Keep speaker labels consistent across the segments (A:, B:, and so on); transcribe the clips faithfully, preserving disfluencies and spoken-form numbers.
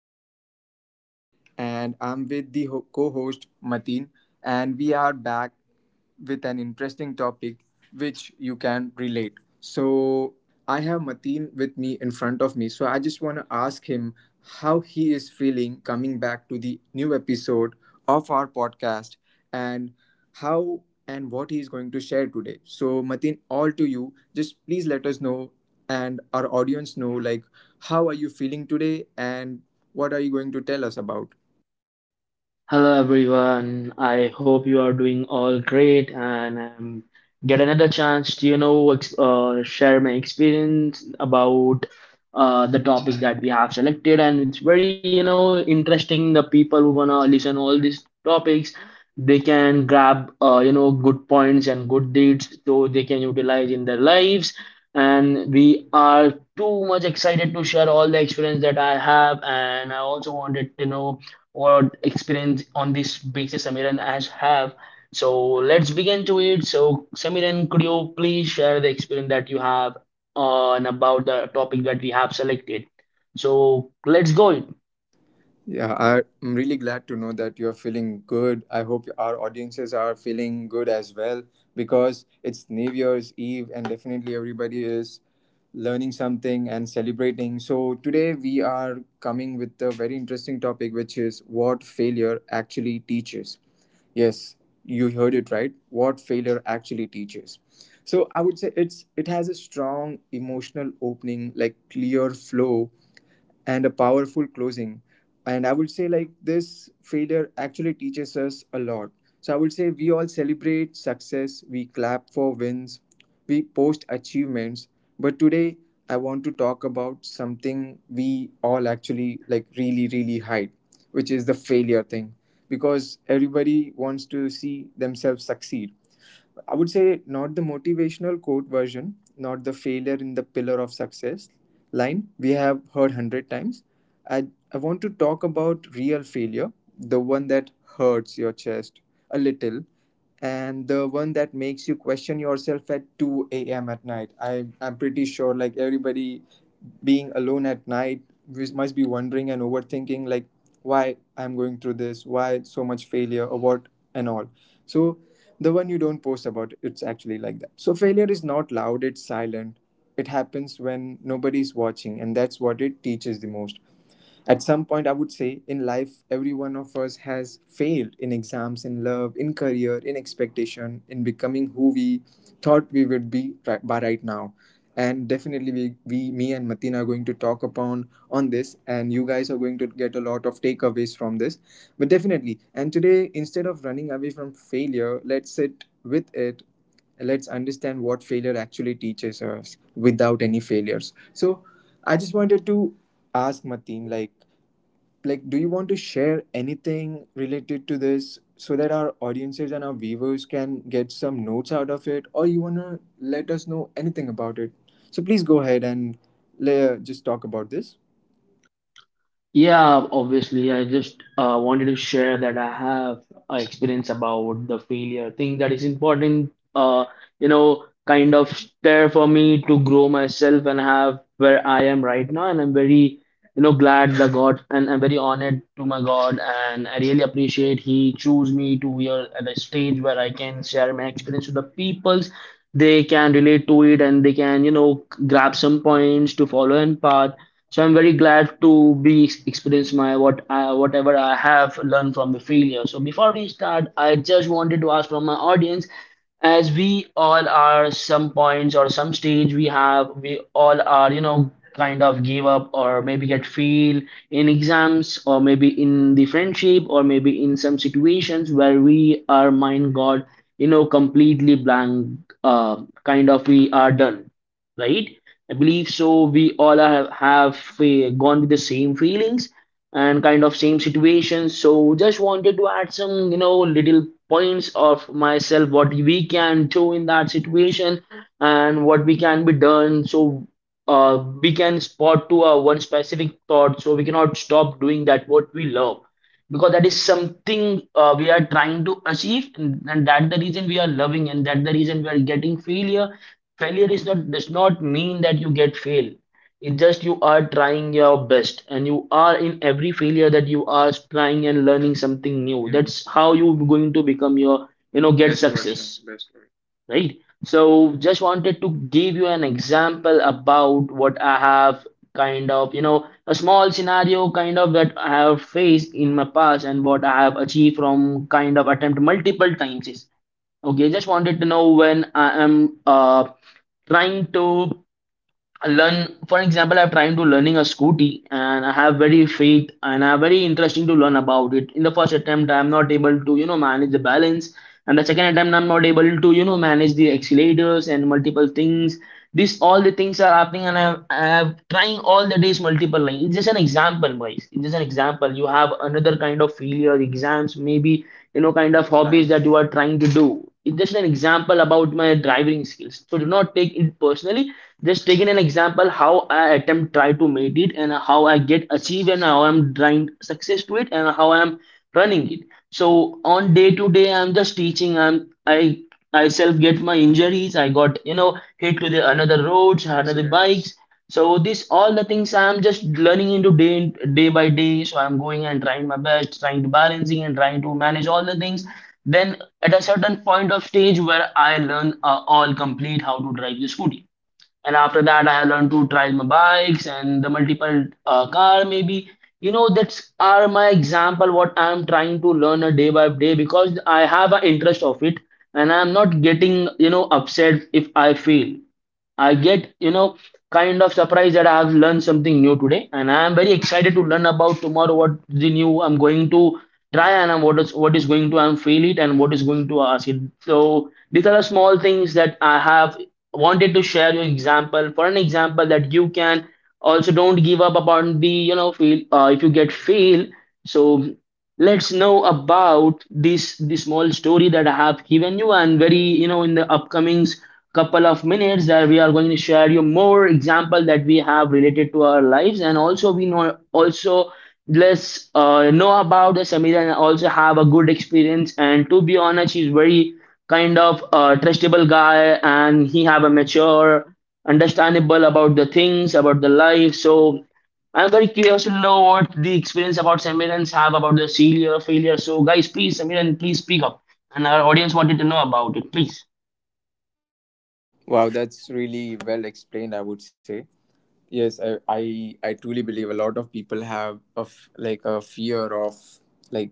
A: Today, I'm your host, and I'm with the co host, Mateen, and we are back with an interesting topic which you can relate. So, I have Mateen with me in front of me. So, I just want to ask him how he is feeling coming back to the new episode of our podcast and how and what he is going to share today. So, Matin, all to you. Just please let us know and our audience know like how are you feeling today and what are you going to tell us about.
B: Hello everyone. I hope you are doing all great and um, get another chance to you know ex uh, share my experience about uh, the topic that we have selected and it's very you know interesting. The people who wanna listen all these topics, they can grab uh, you know good points and good deeds so they can utilize in their lives. And we are too much excited to share all the experience that I have and I also wanted to know what experience on this basis Samiran has have. So let's begin to it. So Samiran, could you please share the experience that you have on about the topic that we have selected? So let's go.
A: Yeah, I- I'm really glad to know that you're feeling good. I hope our audiences are feeling good as well because it's New Year's Eve and definitely everybody is learning something and celebrating. So, today we are coming with a very interesting topic, which is what failure actually teaches. Yes, you heard it right. What failure actually teaches. So I would say it's it has a strong emotional opening, like clear flow, and a powerful closing. And I would say, like, this failure actually teaches us a lot. So I would say we all celebrate success, we clap for wins, we post achievements. But today, I want to talk about something we all actually like really, really hide, which is the failure thing. Because everybody wants to see themselves succeed. I would say not the motivational quote version, not the failure in the pillar of success line we have heard hundred times. I, I want to talk about real failure, the one that hurts your chest a little, and the one that makes you question yourself at two a m at night. I, I'm pretty sure, like, everybody being alone at night we must be wondering and overthinking, like, why I'm going through this, why so much failure, or what, and all. So, the one you don't post about, it's actually like that. So failure is not loud, it's silent. It happens when nobody's watching, and that's what it teaches the most. At some point, I would say, in life every one of us has failed in exams, in love, in career, in expectation, in becoming who we thought we would be right, by right now. And definitely we, we me and matina are going to talk upon on this, and you guys are going to get a lot of takeaways from this. But definitely, and today, instead of running away from failure, let's sit with it. Let's understand what failure actually teaches us without any failures. So, I just wanted to ask Mateen, like, like, do you want to share anything related to this so that our audiences and our viewers can get some notes out of it, or you wanna let us know anything about it? So please go ahead and le- just talk about this.
B: Yeah, obviously, I just uh, wanted to share that I have a experience about the failure thing that is important, uh, you know, kind of there for me to grow myself and have where I am right now. And I'm very, you know, glad that God and I'm very honored to my God. And I really appreciate He chose me to be at a stage where I can share my experience with the peoples. They can relate to it and they can, you know, grab some points to follow and path. So I'm very glad to be ex- experience my what I, whatever I have learned from the failure. So before we start, I just wanted to ask from my audience, as we all are some points or some stage we have, we all are you know kind of give up or maybe get fail in exams or maybe in the friendship or maybe in some situations where we our mind got you know completely blank, uh, kind of we are done, right? I believe so. We all are, have uh, gone with the same feelings and kind of same situations. So just wanted to add some, you know, little points of myself what we can do in that situation and what we can be done. So uh, we can spot to a one specific thought. So we cannot stop doing that what we love because that is something uh, we are trying to achieve and, and that the reason we are loving and that the reason we are getting failure failure is not does not mean that you get fail. It's just you are trying your best and you are in every failure that you are trying and learning something new. That's how you going to become your you know get success, right? So just wanted to give you an example about what I have kind of you know a small scenario kind of that I have faced in my past and what I have achieved from kind of attempt multiple times is. Okay, just wanted to know when I am uh trying to learn. For example, I'm trying to learning a scooty, and I have very faith and I'm very interesting to learn about it. In the first attempt, I'm not able to you know manage the balance, and the second attempt, I'm not able to you know manage the accelerators and multiple things. This all the things are happening, and I have, I have trying all the days multiple lines. It's just an example, boys. It's just an example. You have another kind of failure, exams, maybe you know kind of hobbies. Right. That you are trying to do, it's just an example about my driving skills, so do not take it personally. Just taking an example how I attempt try to make it and how I get achieve and how I'm trying success to it and how I'm running it. So on day to day I'm just teaching i'm i I self get my injuries. I got you know hit with the, another roads, another bikes. So this all the things I am just learning into day in- day by day. So I'm going and trying my best, trying to balancing and trying to manage all the things. Then at a certain point of stage where I learn uh, all complete how to drive the scooty and after that I have learned to drive my bikes and the multiple uh, car maybe you know that's are my example what I am trying to learn a day by day because I have an interest of it. And I am not getting you know upset if I fail. I get, you know, kind of surprised that I have learned something new today, and I am very excited to learn about tomorrow what the new I'm going to try and I'm what is what is going to I'm fail it and what is going to ask it. So these are the small things that I have wanted to share your example for an example that you can also don't give up upon the you know fail uh, if you get fail. So let's know about this the small story that I have given you and very you know in the upcoming couple of minutes that we are going to share you more example that we have related to our lives and also we know also let's uh, know about the Samira and also have a good experience. And to be honest he's very kind of uh, trustable guy and he have a mature understandable about the things about the life. So I'm very curious to know what the experience about Samiran's have about the failure, failure. So, guys, please, Samiran, please speak up. And our audience wanted to know about it, please.
A: Wow, that's really well explained, I would say. Yes, I, I I truly believe a lot of people have of like a fear of like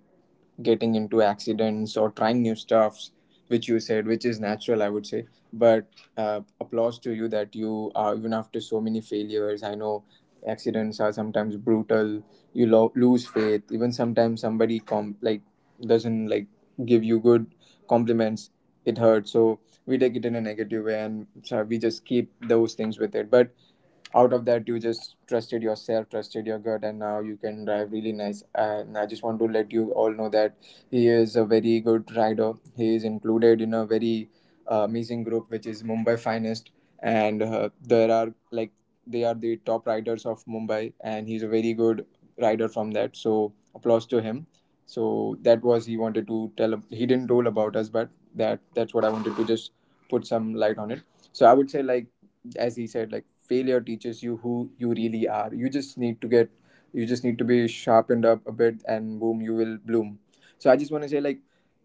A: getting into accidents or trying new stuffs, which you said, which is natural, I would say. But uh, applause to you that you uh, even after so many failures. I know accidents are sometimes brutal. You lo- lose faith. Even sometimes somebody com like doesn't like give you good compliments. It hurts. So we take it in a negative way, and so we just keep those things with it. But out of that, you just trusted yourself, trusted your gut, and now you can drive really nice. And I just want to let you all know that he is a very good rider. He is included in a very uh, amazing group, which is Mumbai Finest. And uh, there are like they are the top riders of Mumbai, and he's a very good rider from that. So applause to him. So that was he wanted to tell. He didn't told about us, but that that's what I wanted to just put some light on it. So I would say, like, as he said, like, failure teaches you who you really are. You just need to get, you just need to be sharpened up a bit, and boom, you will bloom. So I just want to say, like,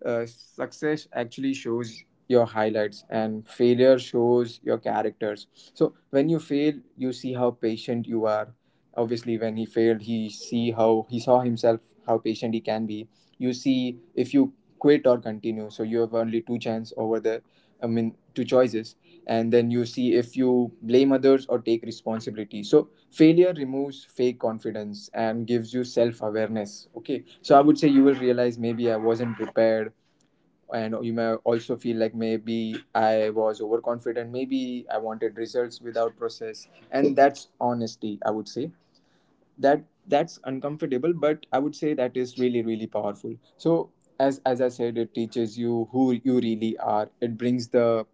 A: uh, success actually shows your highlights and failure shows your characters. So when you fail, you see how patient you are. Obviously when he failed, he see how he saw himself, how patient he can be. You see if you quit or continue. So you have only two chance over the, I mean, two choices. And then you see if you blame others or take responsibility. So failure removes fake confidence and gives you self awareness. Okay, so I would say you will realize maybe I wasn't prepared, and you may also feel like maybe I was overconfident, maybe I wanted results without process, and that's honesty, I would say. That that's uncomfortable, but I would say that is really, really powerful. So as as I said, it teaches you who you really are. It brings the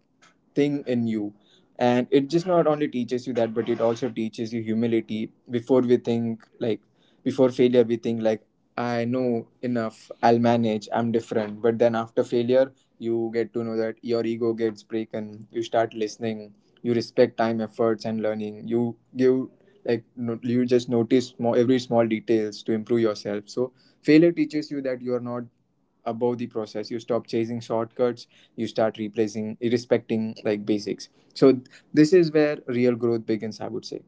A: thing in you, and it just not only teaches you that, but it also teaches you humility. Before we think, like, before failure, we think, like, I know enough, I'll manage, I'm different. But then after failure, you get to know that your ego gets broken. You start listening. You respect time, efforts and learning. You give like no, you just notice small, every small details to improve yourself. So failure teaches you that you are not above the process. You stop chasing shortcuts. You start replacing respecting like basics. So th- this is where real growth begins, I would say.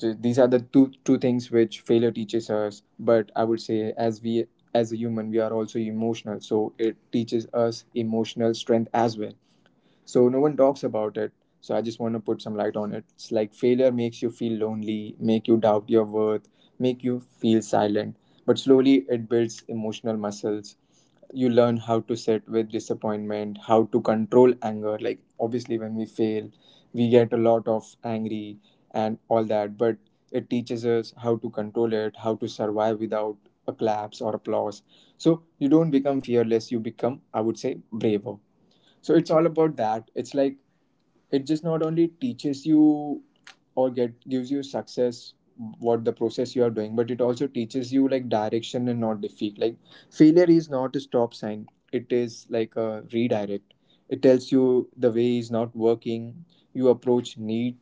A: Th- these are the two two things which failure teaches us. But I would say as we, as a human, we are also emotional, so it teaches us emotional strength as well. So no one talks about it. So I just want to put some light on it. It's like failure makes you feel lonely, make you doubt your worth, make you feel silent. But slowly it builds emotional muscles. You learn how to sit with disappointment, how to control anger. Like obviously when we fail, we get a lot of angry and all that, but it teaches us how to control it, how to survive without a collapse or applause. So you don't become fearless, you become, I would say, braver. So it's all about that. It's like it just not only teaches you or get gives you success what the process you are doing, but it also teaches you like direction and not defeat. Like failure is not a stop sign, it is like a redirect. It tells you the way is not working. You approach need,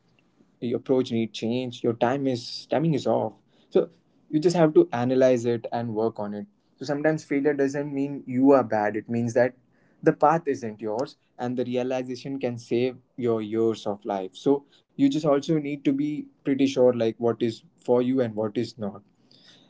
A: your approach need change, your time is, timing is off. So you just have to analyze it and work on it. So sometimes failure doesn't mean you are bad, it means that the path isn't yours, and the realization can save your years of life. So you just also need to be pretty sure like what is for you and what is not.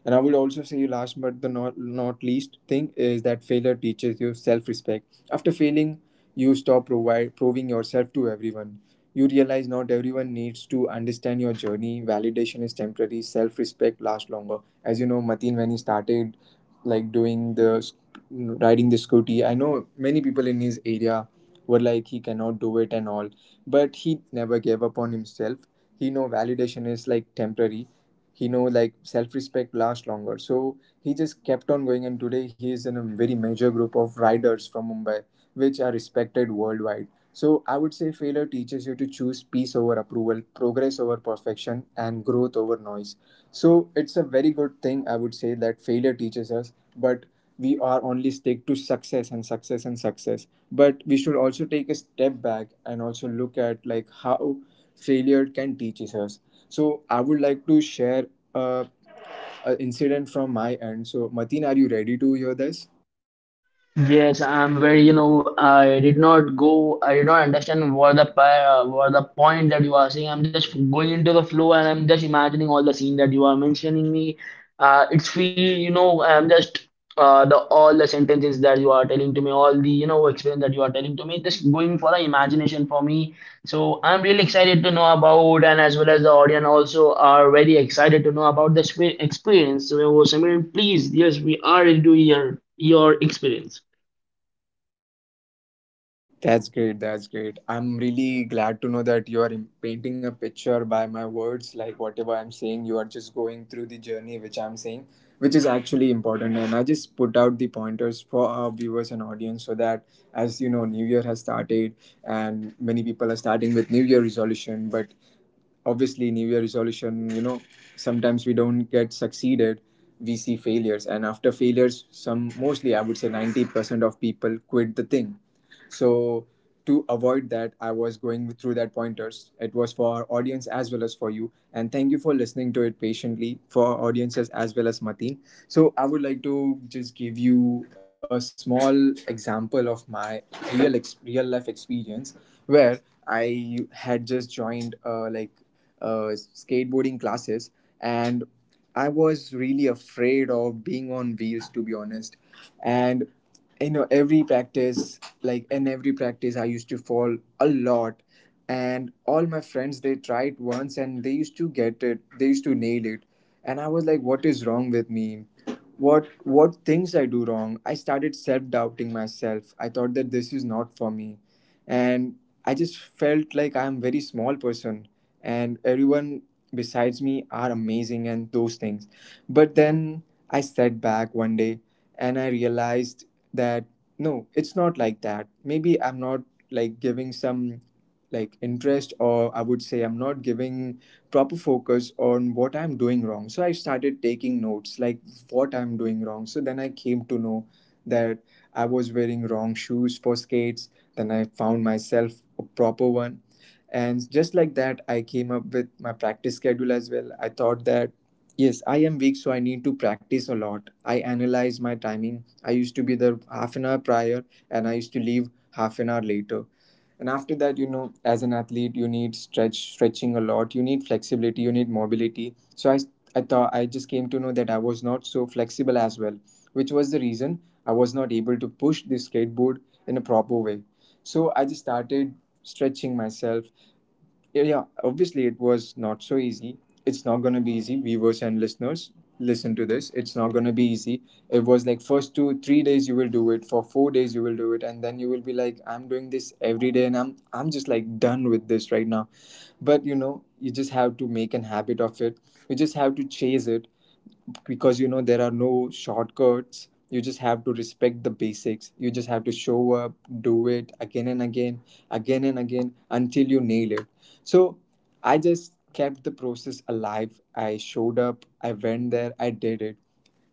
A: And I would also say, last but the not, not least thing is that failure teaches you self respect. After failing, you stop provide, proving yourself to everyone. You realize not everyone needs to understand your journey. Validation is temporary, self respect lasts longer. As you know, Mateen, when he started like doing the sc- riding the scooty, I know many people in his area were like, he cannot do it and all, but he never gave up on himself. He know validation is like temporary, he know like self-respect lasts longer. So he just kept on going, and today he is in a very major group of riders from Mumbai, which are respected worldwide. So I would say failure teaches you to choose peace over approval, progress over perfection, and growth over noise. So it's a very good thing, I would say, that failure teaches us, but we are only stick to success and success and success. But we should also take a step back and also look at like how failure can teaches us. So I would like to share uh, an incident from my end. So Mateen, are you ready to hear this?
B: Yes, I'm very, you know, I did not go, I did not understand what the pa- uh, what the point that you are saying. I'm just going into the flow and I'm just imagining all the scene that you are mentioning me. Uh, it's feel, you know, I'm just uh, the all the sentences that you are telling to me, all the, you know, experience that you are telling to me, just going for the imagination for me. So I'm really excited to know about, and as well as the audience also are very excited to know about this experience. So, Samir, please, yes, we are into your your experience.
A: That's great. That's great. I'm really glad to know that you are im- painting a picture by my words. Like whatever I'm saying, you are just going through the journey which I'm saying, which is actually important. And I just put out the pointers for our viewers and audience so that, as you know, New Year has started and many people are starting with New Year resolution. But obviously, New Year resolution, you know, sometimes we don't get succeeded. We see failures, and after failures, some mostly I would say ninety percent of people quit the thing. So to avoid that, I was going through that pointers. It was for our audience as well as for you. And thank you for listening to it patiently for our audiences as well as Mateen. So I would like to just give you a small example of my real ex- real life experience where I had just joined uh, like uh, skateboarding classes, and I was really afraid of being on wheels, to be honest. And you know, every practice, like in every practice, I used to fall a lot. And all my friends, they tried once and they used to get it, they used to nail it. And I was like, what is wrong with me? What what things I do wrong? I started self-doubting myself. I thought that this is not for me. And I just felt like I'm very small person, and everyone besides me are amazing and those things. But then I sat back one day and I realized that no, it's not like that. Maybe I'm not like giving some like interest, or I would say I'm not giving proper focus on what I'm doing wrong. So I started taking notes like what I'm doing wrong. So then I came to know that I was wearing wrong shoes for skates. Then I found myself a proper one, and just like that, I came up with my practice schedule as well. I thought that, yes, I am weak, so I need to practice a lot. I analyzed my timing. I used to be there half an hour prior, and I used to leave half an hour later. And after that, you know, as an athlete, you need stretch, stretching a lot. You need flexibility. You need mobility. So I, I thought, I just came to know that I was not so flexible as well, which was the reason I was not able to push the skateboard in a proper way. So I just started stretching myself. Yeah, yeah, obviously it was not so easy. It's not going to be easy, viewers and listeners, listen to this, it's not going to be easy. It was like, first two three days you will do it, for four days you will do it, and then you will be like, I'm doing this every day and i'm i'm just like done with this right now. But you know, you just have to make an habit of it. You just have to chase it, because you know, there are no shortcuts. You just have to respect the basics, you just have to show up, do it again and again, again and again until you nail it. So I just kept the process alive, I showed up, I went there, I did it.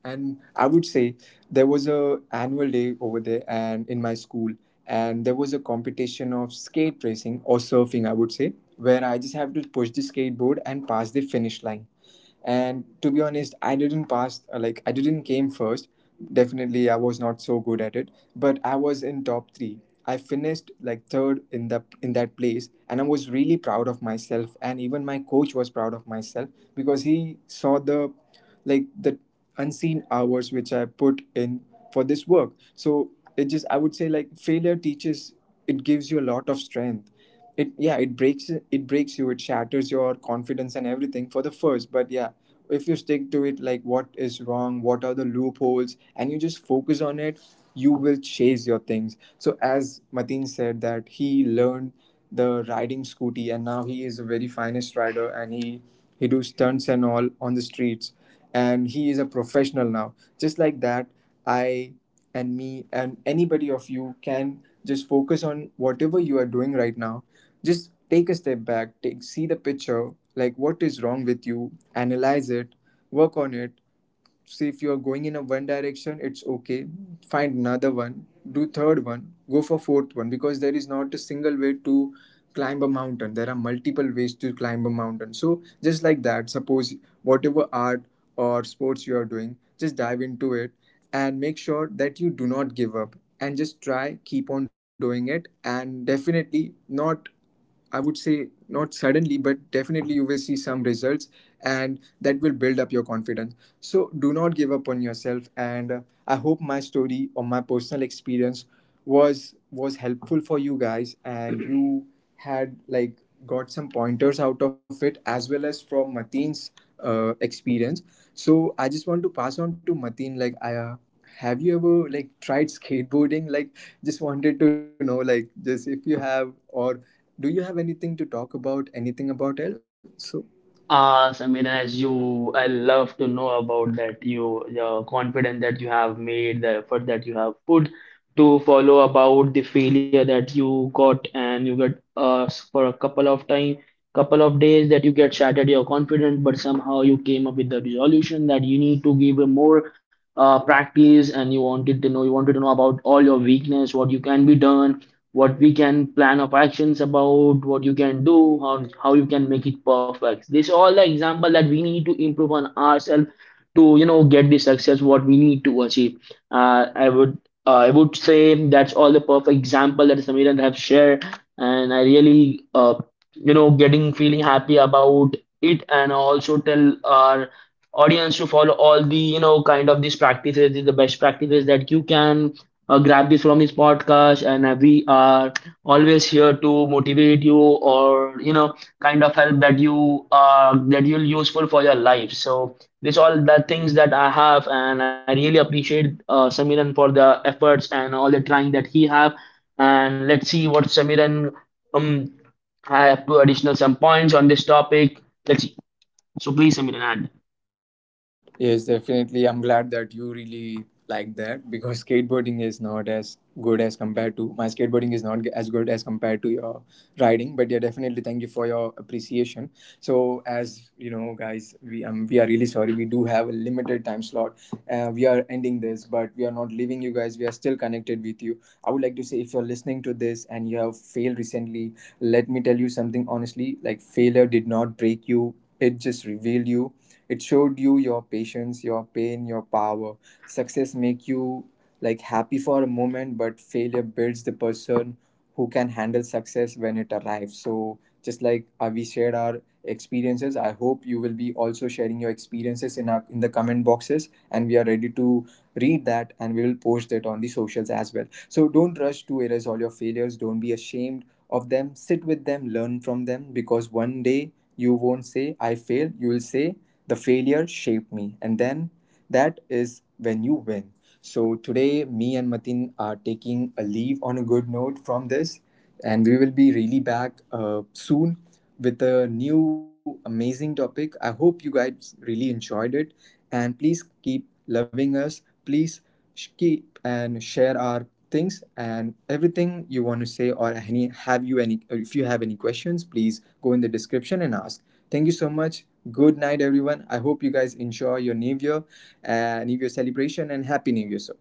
A: And I would say, there was a annual day over there and in my school, and there was a competition of skate racing or surfing, I would say, where I just have to push the skateboard and pass the finish line. And to be honest, I didn't pass, uh, like I didn't came first. Definitely I was not so good at it, but I was in top three. I finished like third in the in that place, and I was really proud of myself, and even my coach was proud of myself, because he saw the like the unseen hours which I put in for this work. So it just, I would say, like failure teaches, it gives you a lot of strength. It, yeah, it breaks it breaks you, it shatters your confidence and everything for the first, but yeah, if you stick to it, like what is wrong, what are the loopholes, and you just focus on it, you will chase your things. So as Mateen said, that he learned the riding scooty and now he is a very finest rider, and he he do stunts and all on the streets, and he is a professional now. Just like that, I and me and anybody of you can just focus on whatever you are doing right now. Just take a step back, take see the picture, like what is wrong with you, analyze it, work on it. See, if you are going in a one direction, it's okay. Find another one, do third one, go for fourth one, because there is not a single way to climb a mountain. There are multiple ways to climb a mountain. So just like that, suppose whatever art or sports you are doing, just dive into it, and make sure that you do not give up and just try keep on doing it, and definitely not, I would say, not suddenly, but definitely you will see some results, and that will build up your confidence. So do not give up on yourself. And uh, I hope my story or my personal experience was was helpful for you guys, and you had like got some pointers out of it, as well as from Mateen's uh, experience. So I just want to pass on to Mateen, like I, uh, have you ever like tried skateboarding? Like, just wanted to know, like, just if you have, or do you have anything to talk about, anything about it? So,
B: Awesome. As you, I love to know about that. You, the confidence that you have made, the effort that you have put to follow about the failure that you got, and you get uh for a couple of time, couple of days that you get shattered your confidence, but somehow you came up with the resolution that you need to give a more uh practice, and you wanted to know, you wanted to know about all your weakness, what you can be done, what we can plan of actions about what you can do, how, how you can make it perfect. This all the example that we need to improve on ourselves to you know get the success what we need to achieve. uh, i would uh, I would say that's all the perfect example that Samiran have shared and I really uh, you know getting feeling happy about it. And also tell our audience to follow all the you know kind of these practices, these the best practices that you can uh, grab this from this podcast. And uh, we are always here to motivate you or you know kind of help that you uh, that you'll useful for your life. So this all the things that I have and I really appreciate uh, Samiran for the efforts and all the trying that he have. And let's see what Samiran um I have to additional some points on this topic. thirty. So please submit an ad.
A: yes, definitely. I'm glad that you really like that, because skateboarding is not as good as compared to my skateboarding is not as good as compared to your riding. But yeah, definitely thank you for your appreciation. So as you know, guys, we um we are really sorry. We do have a limited time slot. Uh, we are ending this, but we are not leaving you guys. We are still connected with you. I would like to say, if you're listening to this and you have failed recently, let me tell you something honestly. Like, failure did not break you. It just revealed you, it showed you your patience, your pain, your power. Success make you like happy for a moment, but failure builds the person who can handle success when it arrives. So just like uh, we shared our experiences, I hope you will be also sharing your experiences in our in the comment boxes, and we are ready to read that, and we will post it on the socials as well. So don't rush to erase all your failures. Don't be ashamed of them. Sit with them, learn from them, because one day you won't say, I failed. You will say, the failure shaped me. And then that is when you win. So today, me and Matin are taking a leave on a good note from this, and we will be really back uh, soon with a new amazing topic. I hope you guys really enjoyed it, and please keep loving us. Please sh- keep and share our things, and everything you want to say, or any have you any if you have any questions, please go in the description and ask. Thank you so much. Good night, everyone. I hope you guys enjoy your New Year, uh, New Year celebration, and Happy New Year, sir.